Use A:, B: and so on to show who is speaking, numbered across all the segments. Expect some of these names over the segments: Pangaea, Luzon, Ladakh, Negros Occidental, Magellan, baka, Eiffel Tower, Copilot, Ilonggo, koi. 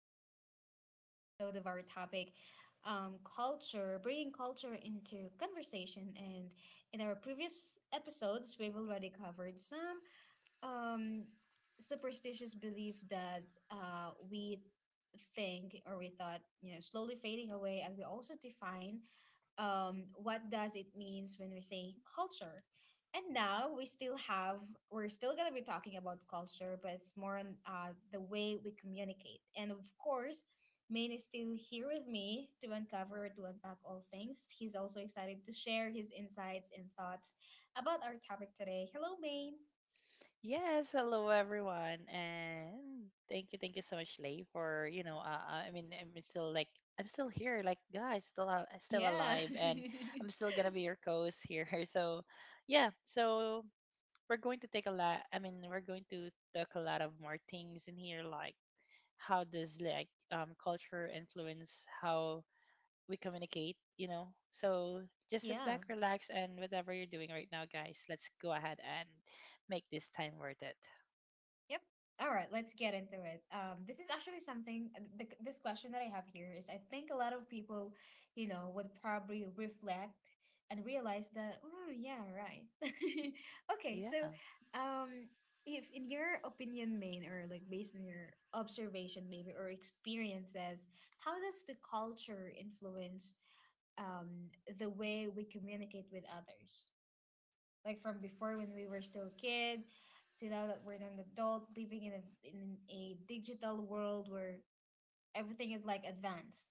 A: already the third episode of our topic, culture, bringing culture into conversation. And in our previous episodes, we've already covered some, um superstitious belief that we think or we thought slowly fading away, and we also define what does it means when we say culture. And now we're still going to be talking about culture, but it's more on the way we communicate. And of course, Maine is still here with me to uncover to unpack all things. He's also excited to share his insights and thoughts about our topic today. Hello, Maine.
B: Yes, hello everyone, and thank you so much, Lay, for you know. I mean, I'm still like I'm still here, like guys, still
A: Yeah.
B: alive, and I'm still gonna be your co-host here. So, we're going to take a lot. I mean, we're going to talk a lot of more things in here, like how does culture influence how we communicate, you know? So just sit
A: Yeah.
B: back, relax, and whatever you're doing right now, guys, let's go ahead and make this time worth it.
A: Yep. All right, let's get into it. This is actually this question that I have here is, I think, a lot of people, would probably reflect and realize that, oh, yeah, right. Okay,
B: Yeah.
A: so um, if in your opinion, Maine, or like based on your observation maybe or experiences, how does the culture influence the way we communicate with others? Like from before when we were still kid to now that we're an adult living in a digital world where everything is like advanced.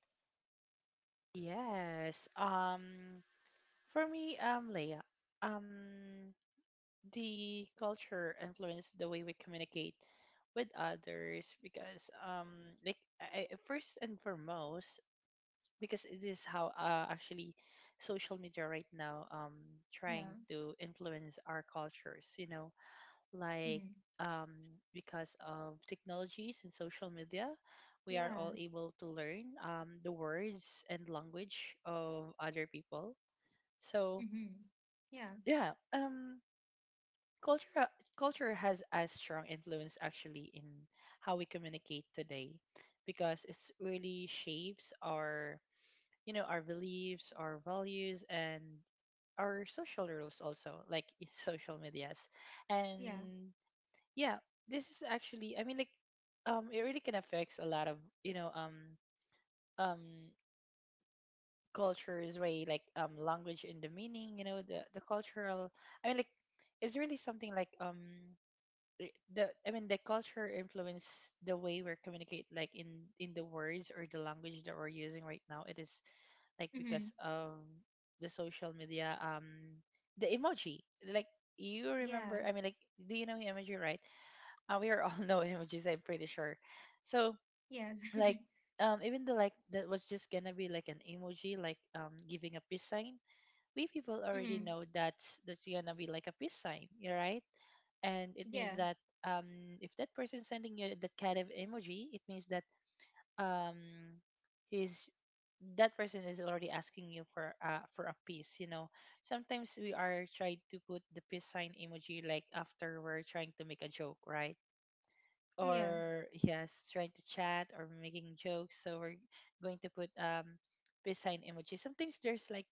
B: Yes. For me, Leia, um, the culture influenced the way we communicate with others because, first and foremost, because it is how actually social media right now trying
A: Yeah.
B: to influence our cultures. You know, like
A: Mm-hmm.
B: um, because of technologies and social media, we are
A: Yeah.
B: all able to learn the words and language of other people. So
A: Mm-hmm. Yeah.
B: yeah, culture culture has a strong influence actually in how we communicate today, because it's really shapes our you know our beliefs, our values, and our social rules also, like in social medias,
A: Yeah.
B: and yeah, this is actually, I mean, like, it really can affects a lot of you know um cultures way like language and the meaning, you know, the cultural, I mean, like, it's really something like I- the I mean the culture influence the way we communicate like in the words or the language that we're using right now. It is like
A: Mm-hmm.
B: because of the social media, the emoji, like you
A: Yeah.
B: remember, I mean, like, do you know emoji, right? We are all know him, which is I'm pretty sure. So
A: Yes.
B: like, even though like that was just gonna be like an emoji, like giving a peace sign, we people already
A: Mm-hmm.
B: know that's gonna be like a peace sign, you're right? And it
A: Yeah.
B: means that um if that person sending you that kind of emoji, it means that um he's that person is already asking you for for a peace, you know. Sometimes we are trying to put the peace sign emoji like after we're trying to make a joke, right?
A: Yeah.
B: Or yes, trying to chat or making jokes. So we're going to put peace sign emoji. Sometimes there's like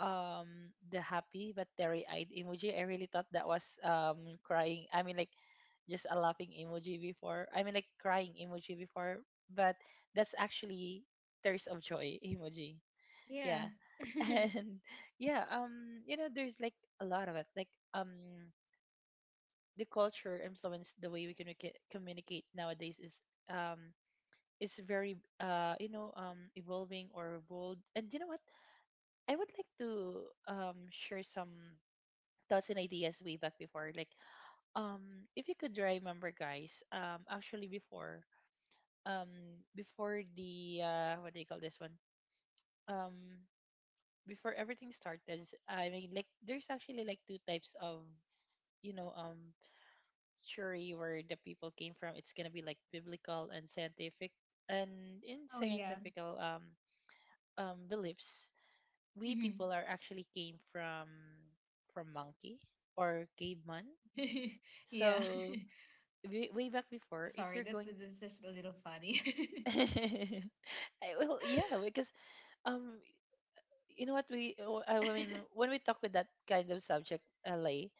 B: um the happy but teary eyed emoji. I really thought that was crying. I mean, like, just a laughing emoji before. I mean, like crying emoji before, but that's actually thirst of joy emoji.
A: Yeah.
B: Yeah. And yeah, you know there's like a lot of it. Like the culture influenced the way we communicate nowadays is very you know evolving or bold. And you know what, I would like to share some thoughts and ideas way back before. Like, if you could remember guys, actually before, um before the what do you call this one, um before everything started, I mean, like, there's actually like two types of you know theory where the people came from. It's gonna be like biblical and scientific. And in
A: Oh, yeah.
B: scientific beliefs, we
A: Mm-hmm.
B: people are actually came from monkey or caveman.
A: yeah.
B: So way, way back before, if
A: Sorry,
B: you're going,
A: that's just a little funny.
B: I- well, yeah, because um, you know what we, when we talk with that kind of subject, LA,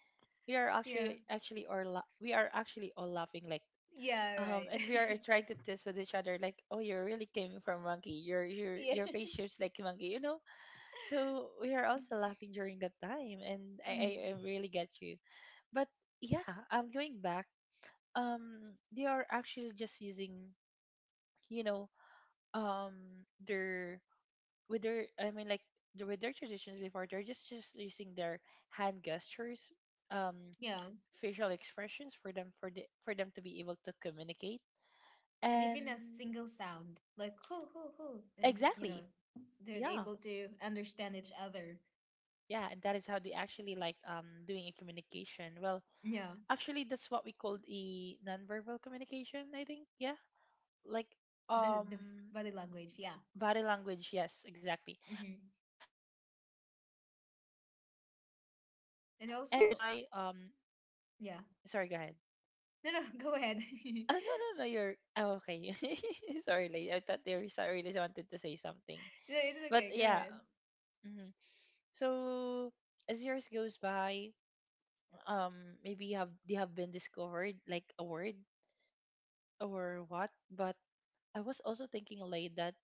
B: we are
A: yeah.
B: we are actually all laughing like
A: Yeah. Right.
B: and we are trying to test with each other like, oh, you really came from monkey. Your your
A: Yeah.
B: your face shapes like monkey, you know. So we are also laughing during that time, and
A: Hmm.
B: I really get you. But yeah, I'm going back, they are actually just using, you know, their with their, I mean, like the, with their traditions before, they're just using their hand gestures, um,
A: Yeah,
B: facial expressions for them, for them to be able to communicate.
A: and even a
B: And
A: single sound, like hoo hoo hoo, and you know,
B: exactly,
A: they're
B: yeah,
A: able to understand each other.
B: yeah, and that is how they actually like doing a communication. Well,
A: Yeah,
B: actually, that's what we called a nonverbal communication, I think. Yeah, like
A: the the f-
B: um
A: body language. Yeah,
B: body language, yes, exactly.
A: mm-hmm.
B: And yeah, and then like as years
A: And
B: goes
A: also,
B: by,
A: yeah.
B: sorry, go ahead.
A: No, no, go ahead.
B: Ah, no, no, no, you're, oh, okay. Sorry, lady. I thought they were sorry, really wanted to say something.
A: No, it's
B: But
A: okay. Go
B: yeah,
A: ahead.
B: mhm. So as years goes by, maybe have they have been discovered like a word or what. But I was also thinking late that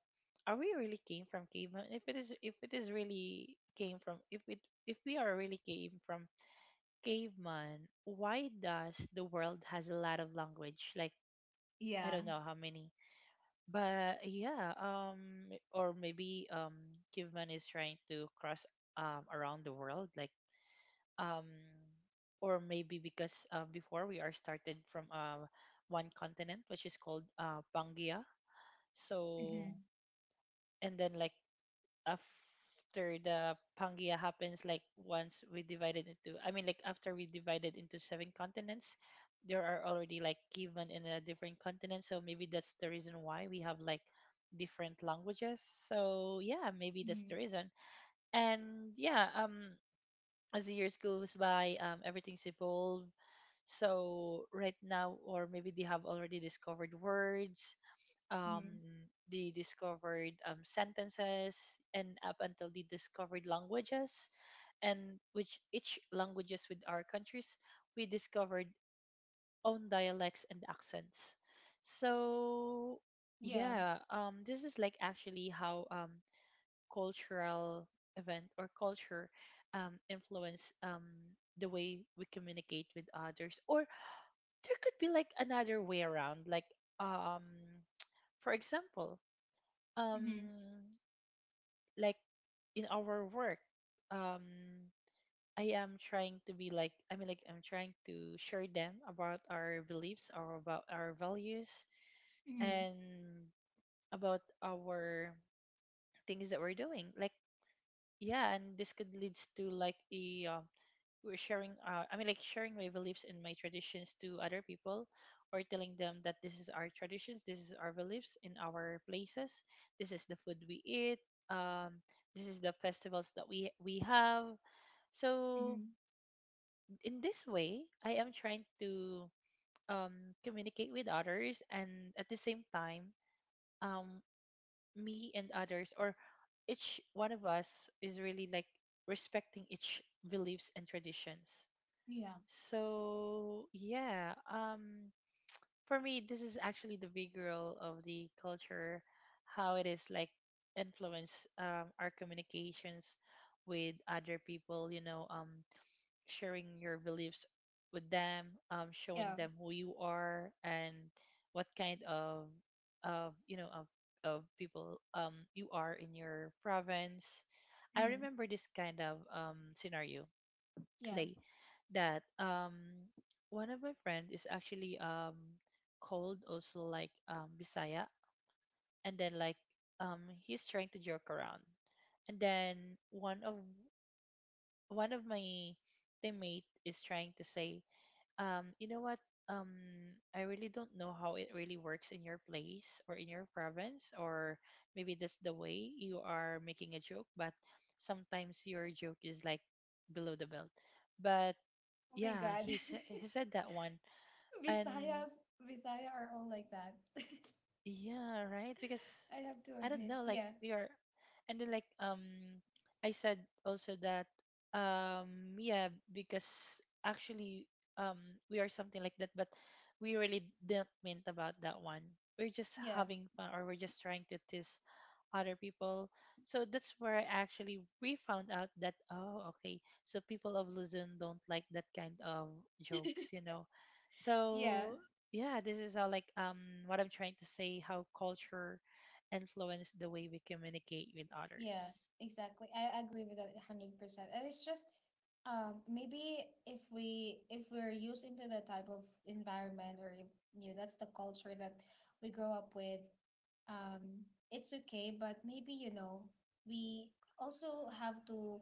B: are we really came from caveman? If it is really came from if it if we are really came from caveman, why does the world has a lot of language? Like, I
A: Yeah.
B: don't know how many. But yeah, or maybe caveman is trying to cross around the world. Like um or maybe because before we are started from one continent which is called Pangaea. So
A: Mm-hmm.
B: and then like after the Pangaea happens, like once we divided into, I mean, like after we divided into seven continents, there are already like given in a different continent. So maybe that's the reason why we have like different languages. So yeah, maybe that's
A: Mm-hmm.
B: the reason. And yeah, as the years goes by, everything's evolved. So right now, or maybe they have already discovered words, um,
A: Mm-hmm.
B: the discovered sentences, and up until the discovered languages, and which each languages with our countries, we discovered own dialects and accents. So
A: Yeah.
B: yeah, this is like actually how cultural event or culture influence the way we communicate with others. Or there could be like another way around. Like um, for example,
A: Mm-hmm.
B: um like in our work, um I am trying to be like I mean like I'm trying to share them about our beliefs or about our values
A: Mm-hmm.
B: and about our things that we're doing. Like, yeah, and this could leads to like a, we're sharing I mean like sharing my beliefs and my traditions to other people, or telling them that this is our traditions, this is our beliefs in our places, this is the food we eat, um, this is the festivals that we have. So
A: Mm-hmm.
B: in this way, I am trying to communicate with others. And at the same time, um, me and others, or each one of us is really like respecting each beliefs and traditions.
A: Yeah.
B: So yeah, for me, this is actually the big role of the culture, how it is like influence our communications with other people. You know, sharing your beliefs with them, showing
A: Yeah.
B: them who you are and what kind of, of you know, of of people you are in your province. I
A: Mm-hmm.
B: remember this kind of scenario
A: Yeah.
B: like that, one of my friends is actually called also like Bisaya. And then like he's trying to joke around, and then one of one of my teammate is trying to say, you know what, um I really don't know how it really works in your place or in your province. Or maybe that's the way you are making a joke, but sometimes your joke is like below the belt. But
A: Oh my
B: yeah,
A: God.
B: he said that one. And
A: Visayas, Visaya are all like that.
B: yeah, right. Because
A: I have to
B: I don't
A: admit.
B: know, like
A: Yeah.
B: we are, and then like I said also that yeah, because actually um, we are something like that, but we really didn't mean about that one. We're just
A: Yeah.
B: having fun, or we're just trying to tease other people. So that's where I actually we found out that oh, okay, so people of Luzon don't like that kind of jokes, you know.
A: Yeah,
B: So yeah, this is how like what I'm trying to say, how culture influence the way we communicate with
A: yeah,
B: others.
A: exactly. I agree with that 100%. And it's just maybe if we're used into the type of environment, or that's the culture that we grow up with. Um, it's okay, but maybe we also have to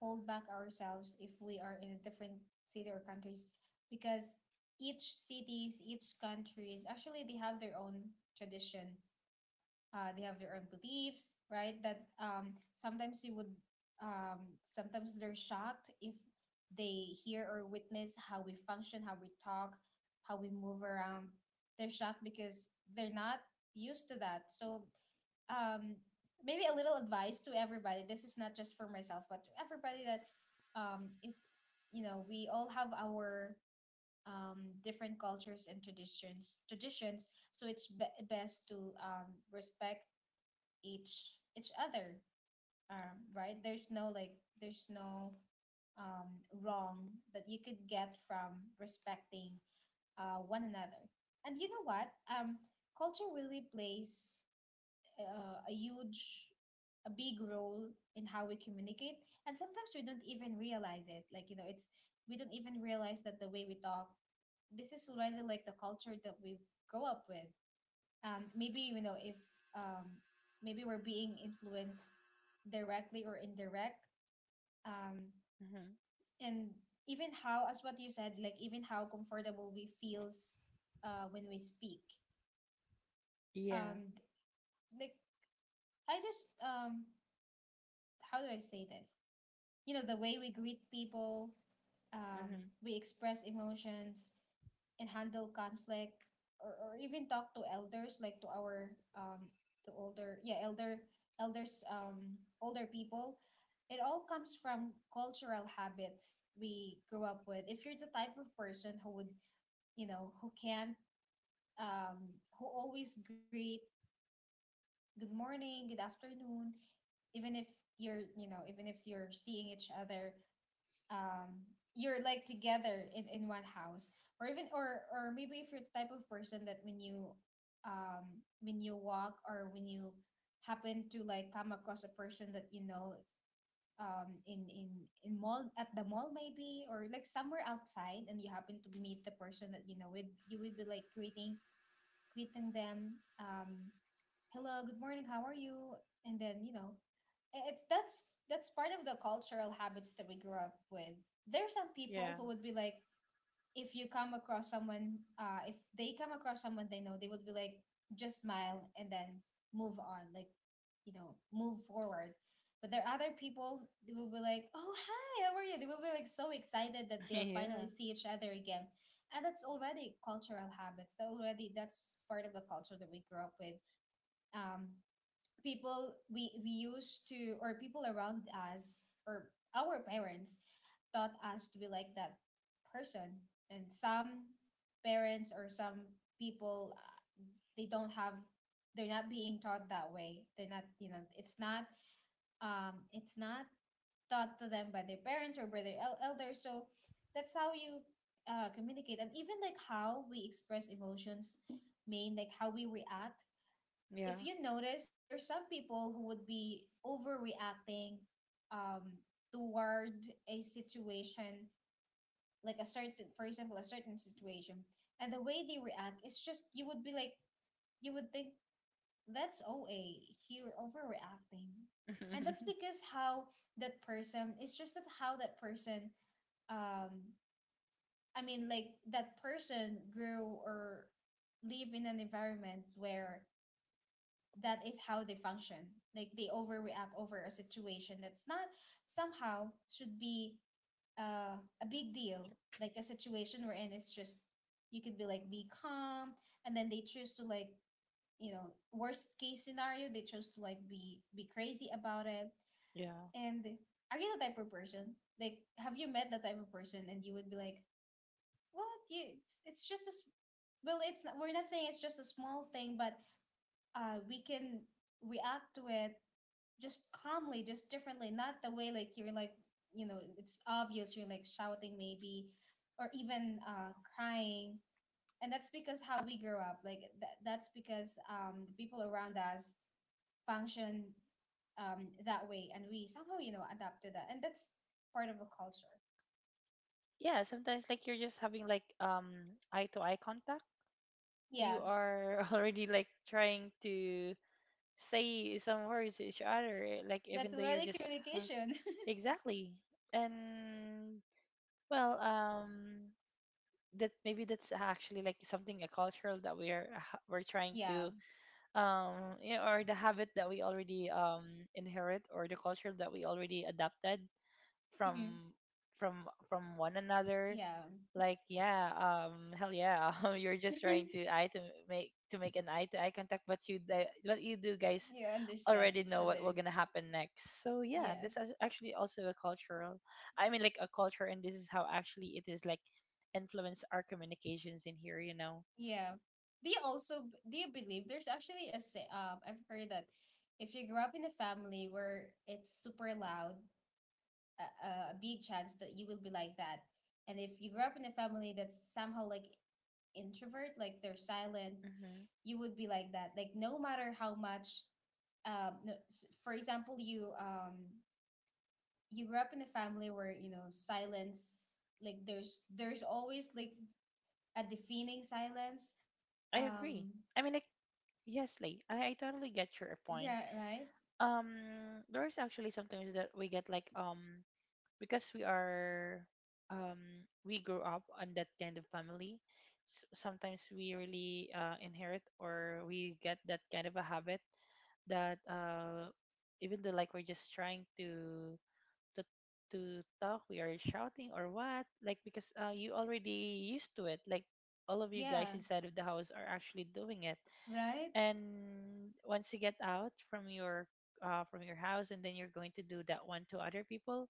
A: hold back ourselves if we are in a different city or countries, because each cities, each countries actually, they have their own tradition, they have their own beliefs, right, that sometimes you would sometimes they're shocked if they hear or witness how we function, how we talk, how we move around. They're shocked because they're not used to that. So um, maybe a little advice to everybody, this is not just for myself but to everybody, that if we all have our different cultures and traditions so it's best to respect each other. Um, right, there's no like there's no wrong that you could get from respecting one another. And you know what, um, culture really plays uh, a huge a big role in how we communicate. And sometimes we don't even realize it, like you know it's we don't even realize that the way we talk, this is already like the culture that we've grow up with. Um, maybe you know if um, maybe we're being influenced directly or indirect. um,
B: Hmm.
A: and even how, as what you said, like even how comfortable we feels when we speak.
B: Yeah.
A: Um, like I just how do I say this? The way we greet people,
B: Hmm.
A: we express emotions and handle conflict, or even talk to elders, like um to older yeah elder elders older people. It all comes from cultural habits we grew up with. If you're the type of person who would you know who can't um who always greet good morning, good afternoon, even if you're seeing each other, um you're like together in one house. Or even or maybe if you're the type of person that when you walk, or when you happen to like come across a person that you know, um in in in mall at the mall maybe, or like somewhere outside, and you happen to meet the person that you know with, you would be like greeting, them, "Hello, good morning, how are you?" And then I- it's that's part of the cultural habits that we grew up with. There are some people
B: Yeah.
A: who would be like, if you come across someone, if they come across someone they know, they would be like just smile and then move on, like, move forward. But there are other people, they will be like, oh, hi, how are you? They will be like so excited that they have finally
B: Yeah.
A: see each other again. And that's already cultural habits. That's part of the culture that we grew up with. Um, People, we used to, or people around us, or our parents taught us to be like that person. And some parents or some people they don't have they're not being taught that way. They're not you know It's not taught to them by their parents or by their elders. So that's how you communicate. And even like how we express emotions, mean like how we react.
B: Yeah.
A: If you notice, there's some people who would be overreacting um, toward a situation, like a certain, for example, a certain situation, and the way they react is just, you would think that's OA, you're overreacting. And that's because how that person, it's just that how that person, um, I mean, like that person grew or live in an environment where that is how they function. Like they overreact over a situation that's not somehow should be a big deal. Like a situation wherein it's just, you could be like be calm, and then they choose to worst case scenario, they chose to like be crazy about it.
B: Yeah.
A: And are you the type of person like have you met the type of person, and you would be like, what, you, it's just a s- well, it's not, we're not saying it's just a small thing, but we can react to it just calmly, just differently, not the way like you're like, it's obvious you're like shouting maybe, or even crying. And that's because how we grew up. That's because the people around us function, that way, and we somehow, adapt to that. And that's part of a culture.
B: Yeah, sometimes like you're just having like eye to eye contact,
A: Yeah,
B: you are already like trying to say some words to each other, like
A: that's
B: even though you're
A: learning
B: just,
A: communication.
B: exactly. And well, that maybe that's actually like something a cultural that we're trying
A: Yeah.
B: to, you know, or the habit that we already inherit, or the culture that we already adapted from
A: Hmm,
B: from one another.
A: yeah.
B: Like yeah, hell yeah, you're just trying to eye to make an eye to eye contact. But you, what you do, guys,
A: You understand
B: already
A: each
B: know what will
A: other.
B: gonna happen next. So yeah,
A: Yeah.
B: this is actually also a cultural. I mean, like a culture, and this is how actually it is like influence our communications in here. You know.
A: Yeah. Do you also do you believe there's actually a say, I've heard that if you grew up in a family where it's super loud, a, a big chance that you will be like that. And if you grew up in a family that's somehow like introvert, like they're silent,
B: Hmm.
A: you would be like that. Like no matter how much no, s- for example, you you grew up in a family where, silence, like there's always like a deafening silence.
B: I agree.
A: um
B: I mean, like, yes, Lee, I totally get your point.
A: Yeah, right?
B: There's actually sometimes that we get like because we are we grew up on that kind of family. Sometimes we really inherit or we get that kind of a habit that even though like we're just trying to to to talk, we are shouting or what, like because you already used to it, like all of you guys
A: Yeah,
B: inside of the house are actually doing it.
A: right?
B: And once you get out from your house, and then you're going to do that one to other people,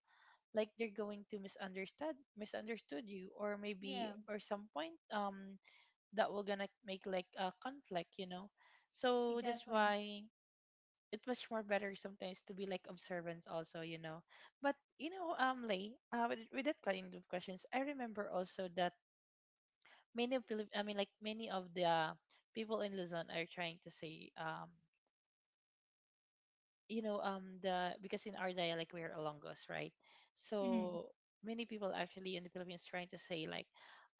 B: like they're going to misunderstand misunderstood you, or maybe
A: Yeah,
B: or some point, that will gonna make like a conflict, you know. So that's
A: exactly.
B: why it was more better sometimes to be like observance also, you know. But you know, Lay, with that kind of questions, I remember also that many of many of the people in Luzon are trying to say, you know, the because in our dialect we are Ilonggos, right?
A: Mm-hmm.
B: So many people actually in the Philippines trying to say like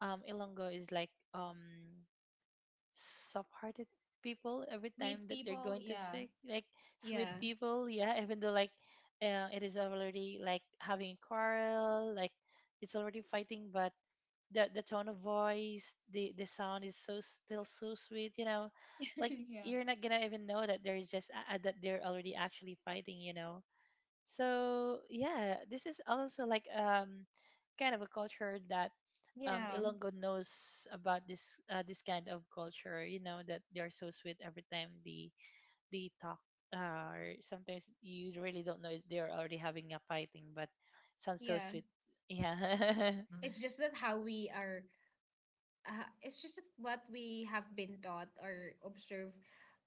B: Ilonggo is like soft-hearted people. Every
A: With
B: time that they're
A: people,
B: going to
A: yeah.
B: speak like sweet
A: Yeah.
B: people, yeah, even though like it is already like having a quarrel, like it's already fighting, but the tone of voice, the sound is so still so sweet, you know. Like
A: Yeah.
B: you're not gonna even know that there's just that they're already actually fighting, you know. So yeah, this is also like kind of a culture that
A: Yeah.
B: Ilongo knows about this this kind of culture, you know, that they're so sweet every time they talk. Or sometimes you really don't know if they're already having a fighting, but sounds so
A: Yeah.
B: sweet. Yeah.
A: It's just that how we are it's just that what we have been taught or observed,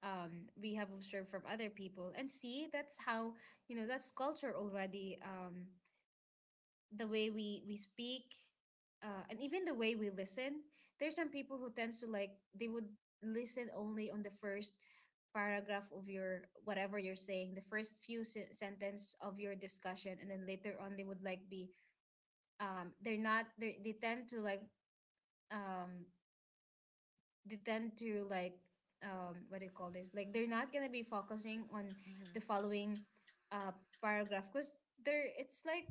A: we have observed from other people, and see that's how, that's culture already. Um, the way we speak, and even the way we listen, there's some people who tends to like they would listen only on the first paragraph of your whatever you're saying, the first few sentence of your discussion, and then later on they would like be they're not they they tend to like um they tend to like what do you call this, like they're not gonna be focusing on
B: hmm
A: the following uh paragraph, because they're it's like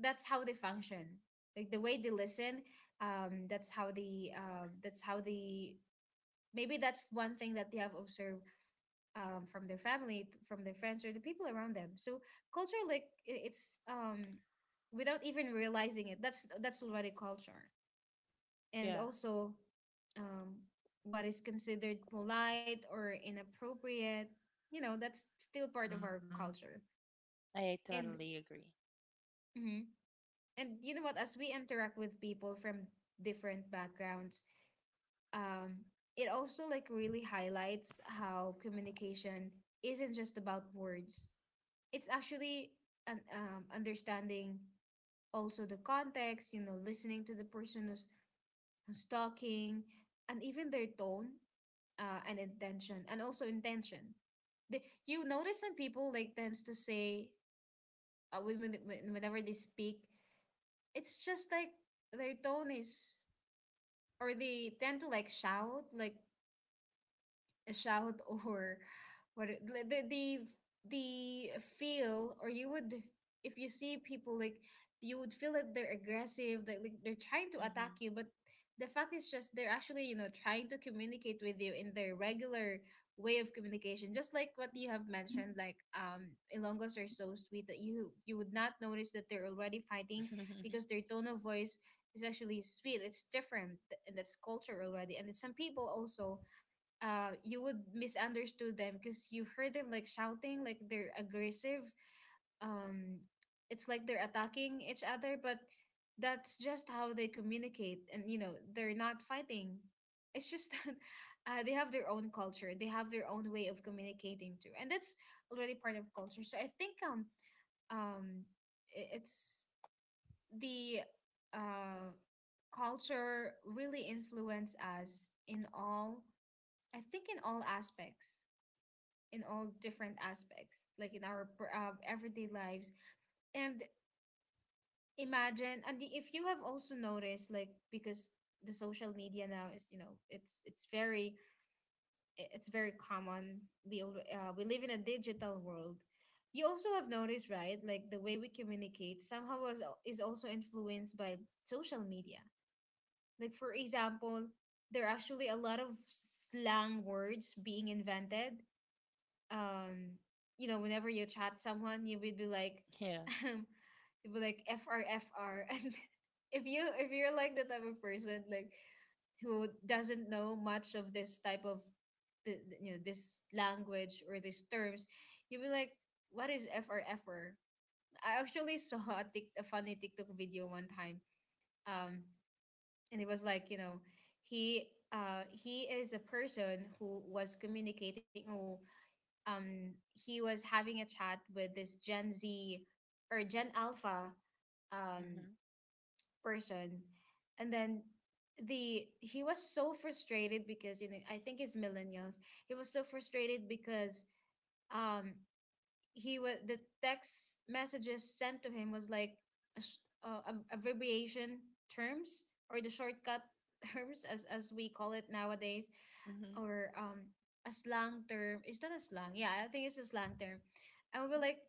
A: that's how they function. Like the way they listen, that's how they maybe that's one thing that they have observed, from their friends or the people around them. So culture, like I- it's without even realizing it, that's already culture. And
B: Yeah.
A: also, um what is considered polite or inappropriate, that's still part of our, Mm-hmm, culture.
B: I
A: And
B: totally agree.
A: mm-hmm. And you know what, as we interact with people from different backgrounds, um it also like really highlights how communication isn't just about words. It's actually an understanding also the context, you know, listening to the person who's talking, and even their tone, and intention, and also intention. the, you notice some people like tends to say, whenever they speak, it's just like their tone is, or they tend to like shout, like a shout or what the the feel, or you would, if you see people like, you would feel that they're aggressive, that like they're trying to attack
B: Mm-hmm.
A: you. But the fact is, just they're actually, you know, trying to communicate with you in their regular way of communication. Just like what you have mentioned, like, Ilongos are so sweet that you would not notice that they're already fighting, because their tone of voice is actually sweet. It's different, and that's culture already. And then some people also, uh, you would misunderstood them because you heard them like shouting like they're aggressive. um it's like they're attacking each other, but that's just how they communicate, and you know they're not fighting. It's just that, they have their own culture, they have their own way of communicating too, and that's already part of culture. So I think um it's the uh culture really influence us in all, I think in all aspects, in all different aspects, like in our everyday lives. And imagine, and if you have also noticed, like, because the social media now is, you know, it's very, it's very common. We live in a digital world. You also have noticed, right? Like the way we communicate somehow is also influenced by social media. Like, for example, there are actually a lot of slang words being invented. um you know, whenever you chat someone, you would be like
B: Yeah.
A: you'd be like fr fr and if you're like the type of person, like, who doesn't know much of this type of you know, this language or these terms, you'd be like, what is fr fr? I actually saw a, a funny TikTok video one time. um and it was like, you know, he, he is a person who was communicating. Oh, he was having a chat with this Gen Z or Gen Alpha, um,
B: Mm-hmm.
A: person, and then the he was so frustrated because, you know, I think it's millennials. He was so frustrated because, um, he was, the text messages sent to him was like a sh- ab- abbreviation terms, or the shortcut terms, as we call it nowadays,
B: Mm-hmm.
A: or a slang term. Is that a slang? Yeah, I think it's a slang term. I would be like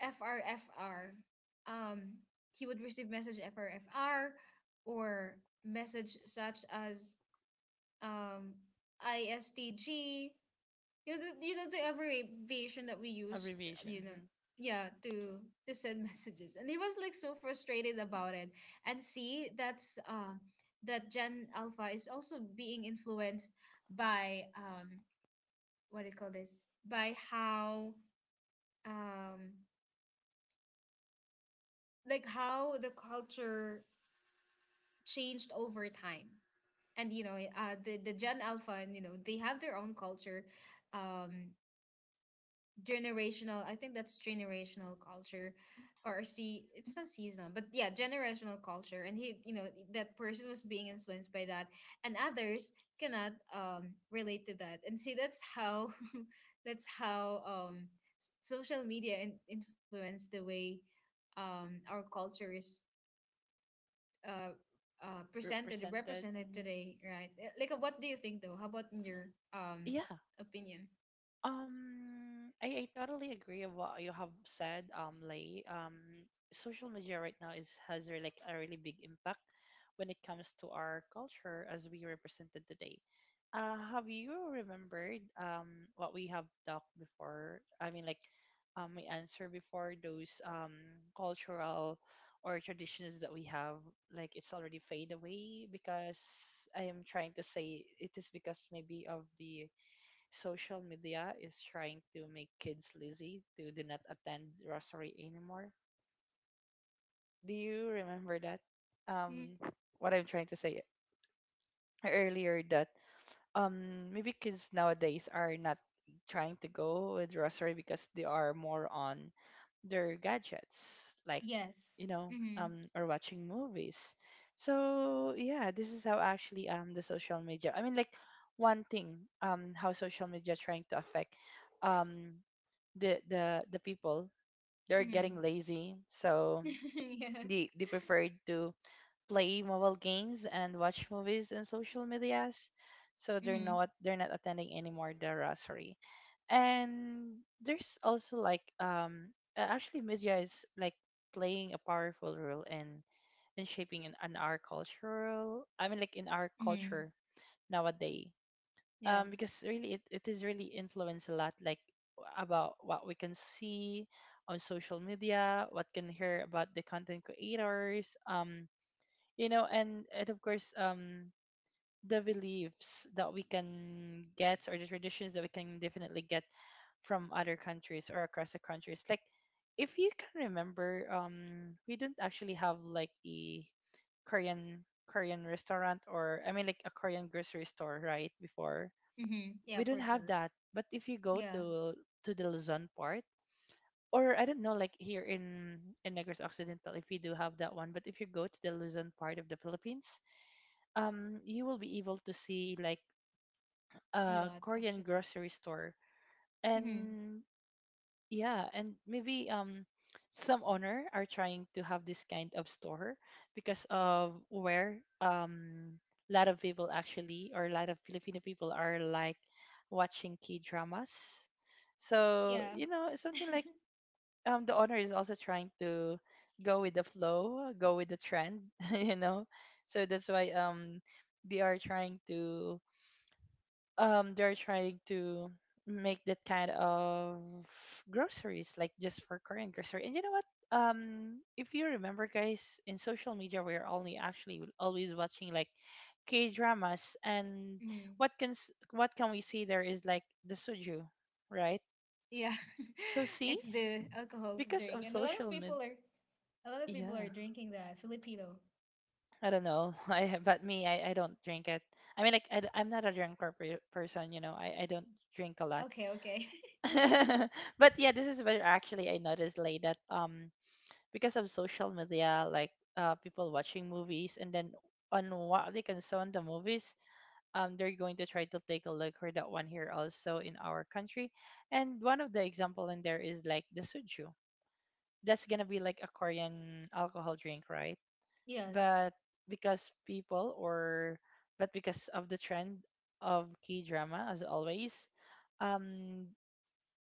A: frfr. um he would receive message frfr, or message such as um istg, you know, the, you know, the abbreviation that we used,
B: Abbreviation.
A: you know,
B: Mm-hmm.
A: yeah, to send messages, and he was like so frustrated about it. And see, that's that Gen Alpha is also being influenced by what do you call this? By how um like how the culture changed over time. And you know, the Gen Alpha, you know, they have their own culture, um generational, I think that's generational culture. Or see, it's not seasonal, but yeah, generational culture. And he, you know, that person was being influenced by that, and others cannot relate to that. And see, that's how that's how social media influence the way our culture is uh presented,
B: Represented.
A: represented
B: Mm-hmm.
A: today, right? Eh, like, what do you think though, how about in your
B: Yeah.
A: opinion?
B: I totally agree with what you have said, Lay. Social media right now is has really, like a really big impact when it comes to our culture as we represented today. Have you remembered what we have talked before? I mean, like, my answer before those cultural or traditions that we have, like it's already fade away because I am trying to say it is because maybe of the social media is trying to make kids lazy to do not attend rosary anymore. Do you remember that?
A: Mm,
B: Um, what I'm trying to say earlier that maybe kids nowadays are not trying to go with rosary because they are more on their gadgets, like
A: yes.
B: you know,
A: Mm-hmm.
B: or watching movies. So yeah, this is how actually the social media, I mean like one thing, how social media trying to affect um the people, they're
A: Mm-hmm.
B: getting lazy. So
A: Yeah.
B: they prefer to play mobile games and watch movies and social medias. So they're
A: Mm-hmm.
B: not, they're not attending anymore the rosary. And there's also like actually media is like playing a powerful role in shaping in our cultural, I mean like in our
A: Mm-hmm.
B: culture nowadays.
A: Yeah.
B: Because really it is really influenced a lot, like about what we can see on social media, what can hear about the content creators, you know. And of course, the beliefs that we can get or the traditions that we can definitely get from other countries or across the countries, like if you can remember, we don't actually have like a Korean restaurant, or I mean like a Korean grocery store, right before.
A: Mm-hmm. Yeah,
B: We
A: for
B: don't have
A: sure.
B: that, but if you go
A: Yeah.
B: to the Luzon part, or I don't know, like here in Negros Occidental, if we do have that one. But if you go to the Luzon part of the Philippines, you will be able to see like
A: A
B: a
A: lot
B: Korean
A: actually.
B: grocery store,
A: Mm-hmm.
B: and yeah, and maybe some owner are trying to have this kind of store because of where a lot of people actually, or a lot of Filipino people are like watching K dramas, so
A: Yeah.
B: you know it's something like the owner is also trying to go with the flow, go with the trend, you know. So that's why they are trying to um they're trying to make that kind of groceries like just for Korean grocery. And you know what? If you remember guys, in social media we're only actually always watching like K dramas, and
A: Mm-hmm.
B: what can what can we see there is like the soju, right?
A: Yeah.
B: So see,
A: It's the alcohol
B: because
A: drink.
B: of
A: And a lot of
B: social
A: people
B: media.
A: are, a lot of people are
B: Yeah.
A: drinking that. Filipino.
B: I don't know. I but me, I don't drink it. I mean like I am not a drunk person, you know. I don't drink a lot.
A: Okay, okay.
B: But yeah, this is where actually I noticed late that because of social media, like people watching movies, and then on what they can saw on the movies, they're going to try to take a look for that one here also in our country. And one of the example in there is like the soju. That's gonna be like a Korean alcohol drink, right?
A: Yes.
B: But because people or but because of the trend of K drama as always, um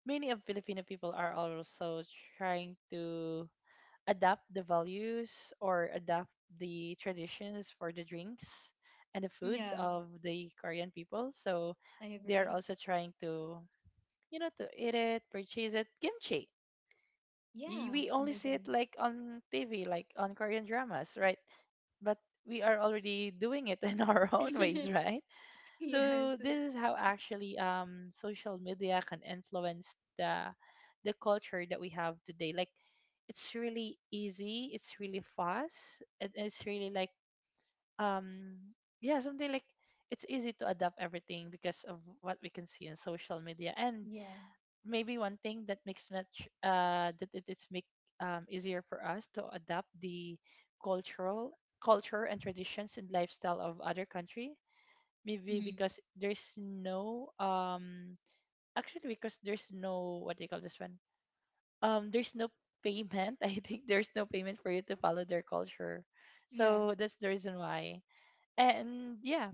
B: many of Filipino people are also trying to adapt the values, or adapt the traditions for the drinks and the foods
A: Yeah,
B: of the Korean people. So
A: I
B: they are
A: agree.
B: also trying to, you know, to eat it, purchase it. Kimchi. Y-
A: Yeah.
B: We
A: Oh
B: only
A: my
B: see
A: god.
B: it like on TV, like on Korean dramas, right? But we are already doing it in our own ways, right? So
A: Yes.
B: this is how actually social media can influence the culture that we have today. Like it's really easy, it's really fast, and it's really like um yeah, something like it's easy to adapt everything because of what we can see in social media. And
A: Yeah.
B: maybe one thing that makes much that it is make easier for us to adapt the cultural culture and traditions and lifestyle of other country, maybe
A: Mm-hmm.
B: because there's no actually because there's no, what do you call this one, there's no payment, I think there's no payment for you to follow their culture.
A: Yeah.
B: So that's the reason why. And yeah,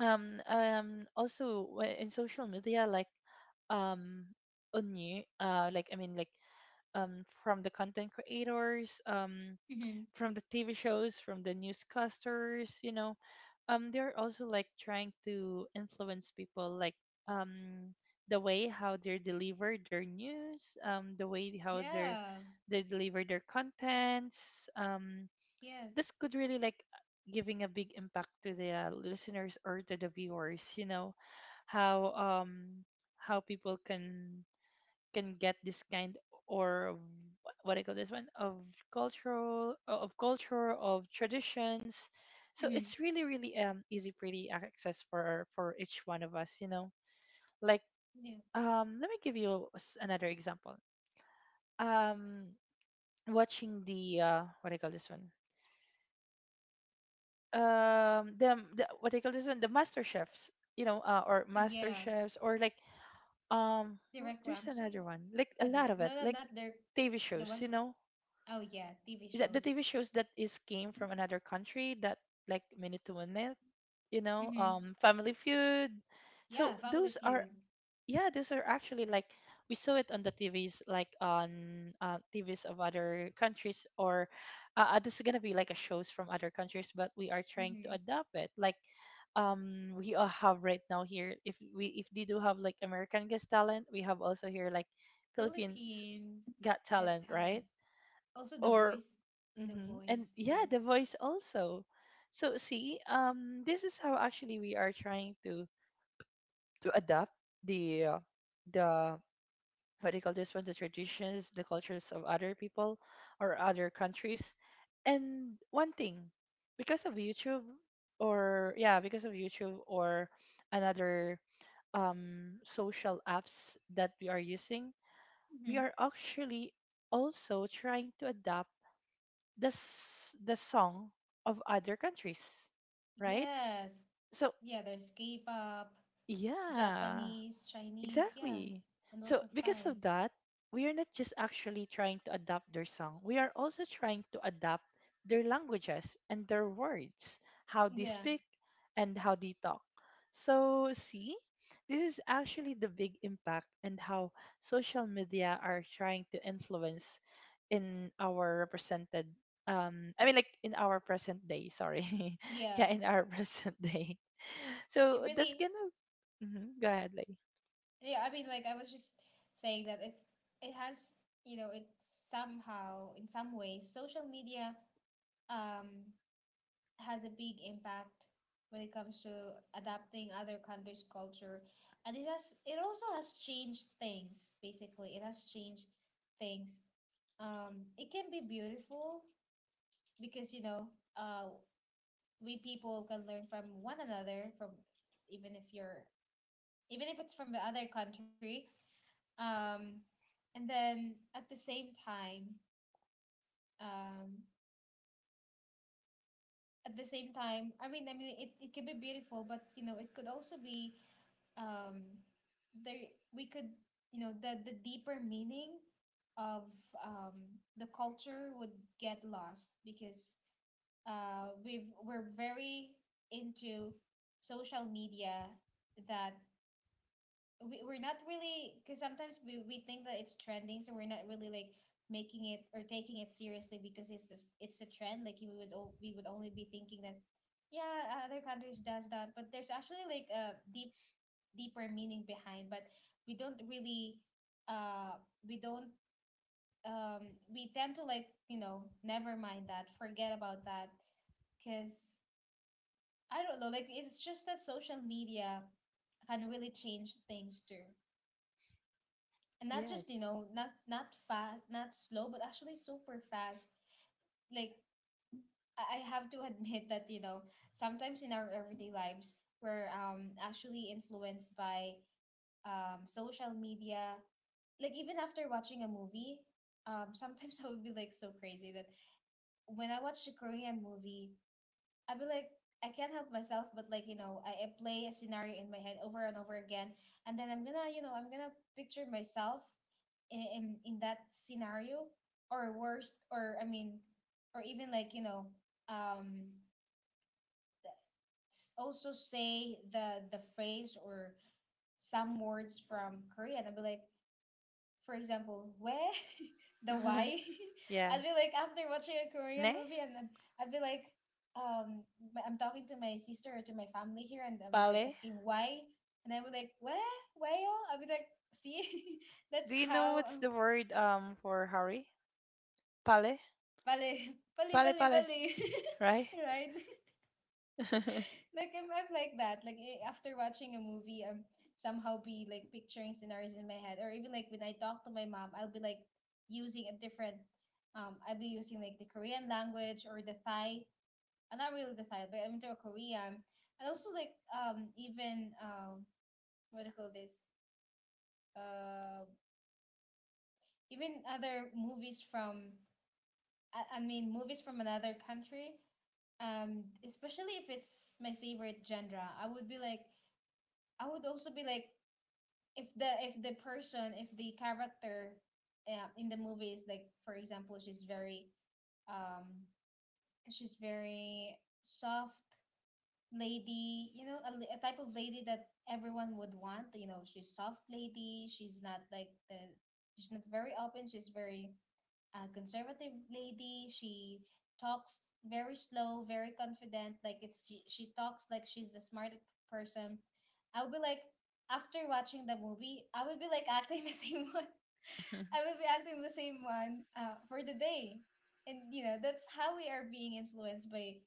B: also in social media like, um on you like I mean like from the content creators,
A: Mm-hmm.
B: from the TV shows, from the newscasters, you know, they're also like trying to influence people like, um the way how they deliver their news, the way how they're
A: Yeah.
B: they deliver their contents,
A: Yes.
B: this could really like giving a big impact to the listeners or to the viewers, you know, how um how people can get this kind, or what I call this one, of cultural of culture of traditions. So
A: Mm-hmm.
B: it's really really easy pretty access for each one of us, you know. Like,
A: Yeah.
B: let me give you another example. Um watching the what I call this one, the what I call this one, the master chefs, you know, or
A: Oh,
B: master
A: yeah.
B: chefs, or like
A: Derek
B: there's
A: Ramsey
B: another
A: is,
B: one, like a lot of
A: Derek,
B: it,
A: no, no,
B: like
A: not Derek.
B: TV
A: The
B: shows,
A: one.
B: you know,
A: Oh yeah, TV
B: that the
A: shows.
B: TV shows that is came from another country that, like Minute to Minute, you know,
A: Mm-hmm.
B: Family Feud. So
A: Yeah, Family
B: those are,
A: Feud.
B: yeah, those are actually like we saw it on the TVs, like on TVs of other countries, or this is gonna be like a shows from other countries, but we are trying to
A: Mm-hmm.
B: adapt it like. We all have right now here. If we if they do have like American Got Talent, we have also here like Philippines
A: Philippines
B: Got
A: Got
B: Talent, right?
A: Talent. Also The
B: Or
A: Voice. The
B: hmm, and
A: Voice
B: yeah,
A: too.
B: the voice also. So see, this is how actually we are trying to adapt the the what do you call this one, the traditions, the cultures of other people or other countries. And one thing, because of YouTube, or yeah, because of YouTube or another social apps that we are using, we are
A: Mm-hmm.
B: actually also trying to adapt the the song of other countries, right?
A: Yes.
B: So
A: Yeah, there's K-pop,
B: yeah,
A: Japanese, Chinese. Yeah,
B: Exactly.
A: and
B: So
A: also
B: because of
A: Thais.
B: that, we are not just actually trying to adapt their song. We are also trying to adapt their languages and their words, how they
A: Yeah,
B: speak and how they talk. So see, this is actually the big impact and how social media are trying to influence in our represented I mean like in our present day, sorry.
A: yeah.
B: Yeah, in our present day.
A: It
B: So that's
A: really.
B: gonna Mhm, go ahead, like.
A: Yeah, I mean, like, I was just saying that it's, it has, you know, it somehow, in some ways, social media um has a big impact when it comes to adapting other countries' culture. And it has, it also has changed things. Basically, it has changed things. It can be beautiful because, you know, uh we, people can learn from one another, from, even if you're, even if it's from the other country. Um, and then at the same time, um, at the same time, I mean, it could be beautiful, but you know, it could also be, um, there, we could, you know, the deeper meaning of the culture would get lost because, we've, we're very into social media that we're not really, because sometimes we think that it's trending, so we're not really like making it or taking it seriously, because it's just, it's a trend. Like you would we would only be thinking that yeah, other countries does that, but there's actually like a deep, deeper meaning behind. But we don't really, uh we don't we tend to, like, you know, never mind that, forget about that, because I don't know, like, it's just that social media can really change things too, and not just, you
B: Yes.
A: know, not not fast, not slow, but actually super fast, like, I have to admit that, you know, sometimes in our everyday lives, we're actually influenced by social media. Like, even after watching a movie, sometimes I would be like so crazy that when I watched a Korean movie, I'd be like, I can't help myself, but, like, you know, I play a scenario in my head over and over again. And then I'm gonna, you know, I'm gonna picture myself in that scenario, or worst, or I mean, or even like, you know, um, also say the phrase or some words from Korean. I'd be like, for example, where the why. I'd
B: Yeah.
A: be like after watching a Korean
B: Ne?
A: movie, and then I'd be like, I'm talking to my sister or to my family here, and I'd be like
B: Pale?
A: asking why, and I would like where y'all? I'd be like, see, that's
B: Do you know what's
A: how.
B: the word for hurry? Pale?
A: Bali, bali,
B: Pale
A: bali,
B: pale,
A: bali,
B: right?
A: right? Like I'm like that. Like, eh, after watching a movie, I'm somehow be like picturing scenarios in my head, or even like when I talk to my mom, I'll be like using a different. I'll be using like the Korean language or the Thai. I'm not really the Thai, but I'm into a Korean. And also like even what do you call this? Uh, Even other movies from, I mean movies from another country. Especially if it's my favorite genre, I would be like, I would also be like, if the person, if the character, in the movie is like, for example, um she's very soft lady, you know, a type of lady that everyone would want, you know, she's soft lady, she's not like the, she's not very open, she's very a conservative lady. She talks very slow, very confident. Like, it's, she talks like she's the smartest person. I would be like, after watching the movie, I would be like acting the same one. I would be acting the same one, for the day, and you know that's how we are being influenced by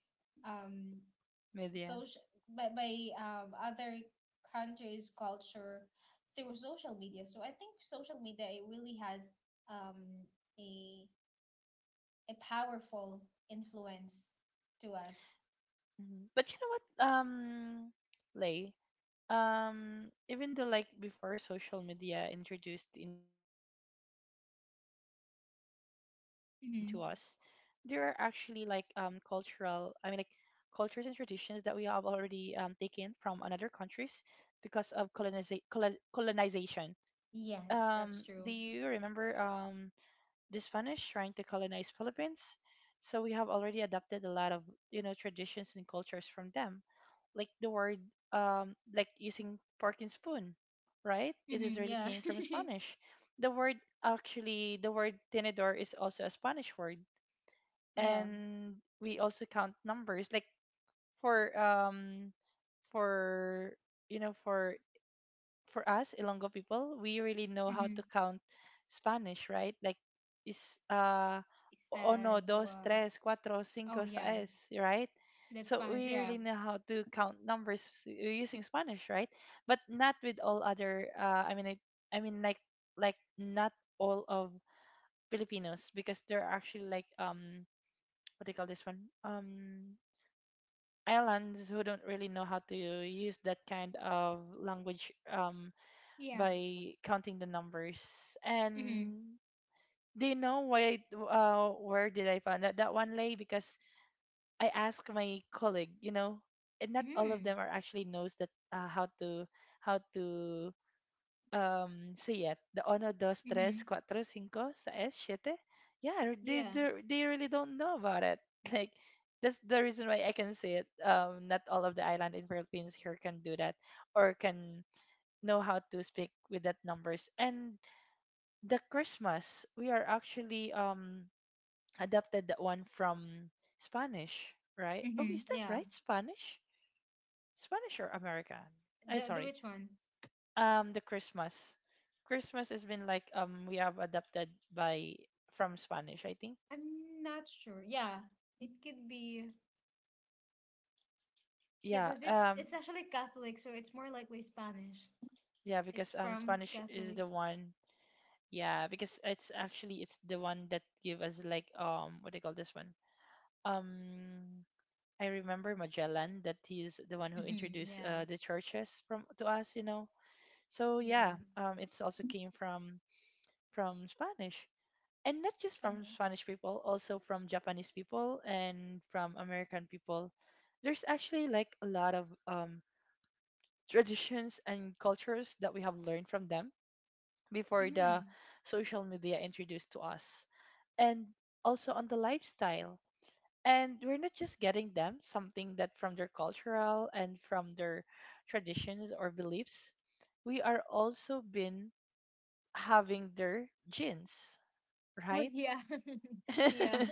A: um
B: Media.
A: social, by other countries' culture through social media. So I think social media, it really has um a a powerful influence to us.
B: Mhm. But you know what, Lay, even though like before social media introduced into us, there are actually like cultural,
A: Mm-hmm.
B: I mean like cultures and traditions that we have already taken from another countries because of colonization. Do
A: Yes,
B: you
A: that's true.
B: remember the Spanish trying to colonize Philippines? So we have already adapted a lot of traditions and cultures from them, like the word like using fork and spoon, right? It is
A: Mm-hmm.
B: really
A: Yeah.
B: came from Spanish. The word the word tenedor is also a Spanish word,
A: Yeah.
B: and we also count numbers like for um for you know for us Ilongo people, we really know how
A: Mm-hmm.
B: to count Spanish, right? Like is
A: It's
B: Uno,
A: the.
B: dos, tres, cuatro, cinco,
A: Oh, yeah.
B: seis, right?
A: That's
B: So
A: Spanish.
B: we
A: Yeah.
B: really know how to count numbers using Spanish, right? But not with all other. I mean, it, I mean like Not all of Filipinos because there are actually like what do you call this one, islands who don't really know how to use that kind of language
A: Yeah.
B: by counting the numbers.
A: Mm-hmm.
B: And do you know why? Where did I find that that one, lay? Because I asked my colleague. You know, and not all of
A: Mm-hmm.
B: them are actually knows that how to how to say it. The uno, dos, tres,
A: Mm-hmm.
B: cuatro, cinco, seis, siete. Yeah, they
A: Yeah.
B: they they really don't know about it. Like. That's the reason why I can say it. Not all of the island in Philippines here can do that or can know how to speak with that numbers. And the Christmas, we are actually adapted that one from Spanish, right? Oh,
A: Mm-hmm.
B: is that
A: Yeah.
B: right? Spanish? Spanish or American? I
A: The
B: sorry.
A: which one?
B: Um, the Christmas. Christmas has been like we have adapted by from Spanish, I think.
A: I'm not sure. Yeah. It could be. Yeah,
B: Yeah,
A: because it's
B: um
A: it's actually Catholic, so it's more likely Spanish.
B: yeah,
A: It's
B: because
A: from
B: Spanish is
A: Catholic.
B: the one. Yeah, because it's actually it's the one that give us like what do you call this one? Um I remember Magellan that he's the one who
A: Mm-hmm.
B: introduced
A: Yeah.
B: the churches from to us, you know. So
A: Yeah.
B: yeah, it's also came from Spanish, and not just from
A: Spanish.
B: Spanish people, also from Japanese people and from American people. There's actually like a lot of traditions and cultures that we have learned from them before the
A: Mm-hmm.
B: social media introduced to us, and also on the lifestyle. And we're not just getting them something that from their cultural and from their traditions or beliefs, we are also been having their genes,
A: Oh
B: right?
A: yeah. Yeah.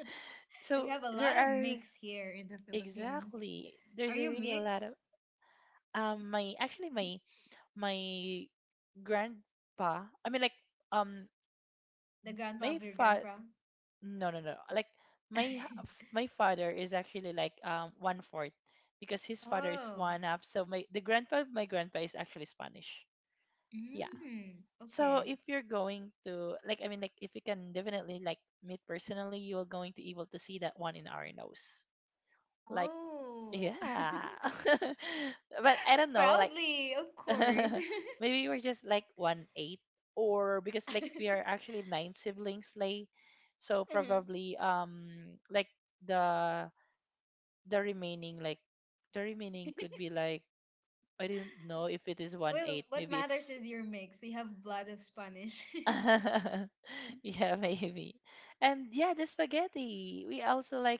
A: We
B: So
A: have a
B: there
A: lot of
B: are,
A: mix here in the Philippines.
B: exactly
A: Are
B: there's a
A: you
B: really a lot
A: mix?
B: of. Um my actually my my grandpa, um
A: The grandpa
B: my
A: of your
B: fa-
A: grandpa?
B: no, no, no. Like my father is actually like one fourth because his father is
A: Oh.
B: one half. So my the grandpa of my grandpa is actually Spanish. Yeah.
A: Mm,
B: So
A: okay.
B: if you're going to like, I mean like if you can definitely like meet personally, you're going to able to see that one in our nose. Like
A: Oh.
B: yeah. But I don't know, like,
A: Proudly, of course.
B: maybe we're just like 1/8, or because like we are actually nine siblings, like, so
A: Mhm.
B: probably like the the remaining the remaining could be like, I don't know if it is one
A: Well,
B: eight.
A: what
B: Maybe
A: matters
B: it's
A: is your mix. You have blood of Spanish.
B: yeah, maybe. And yeah, the spaghetti. We also like,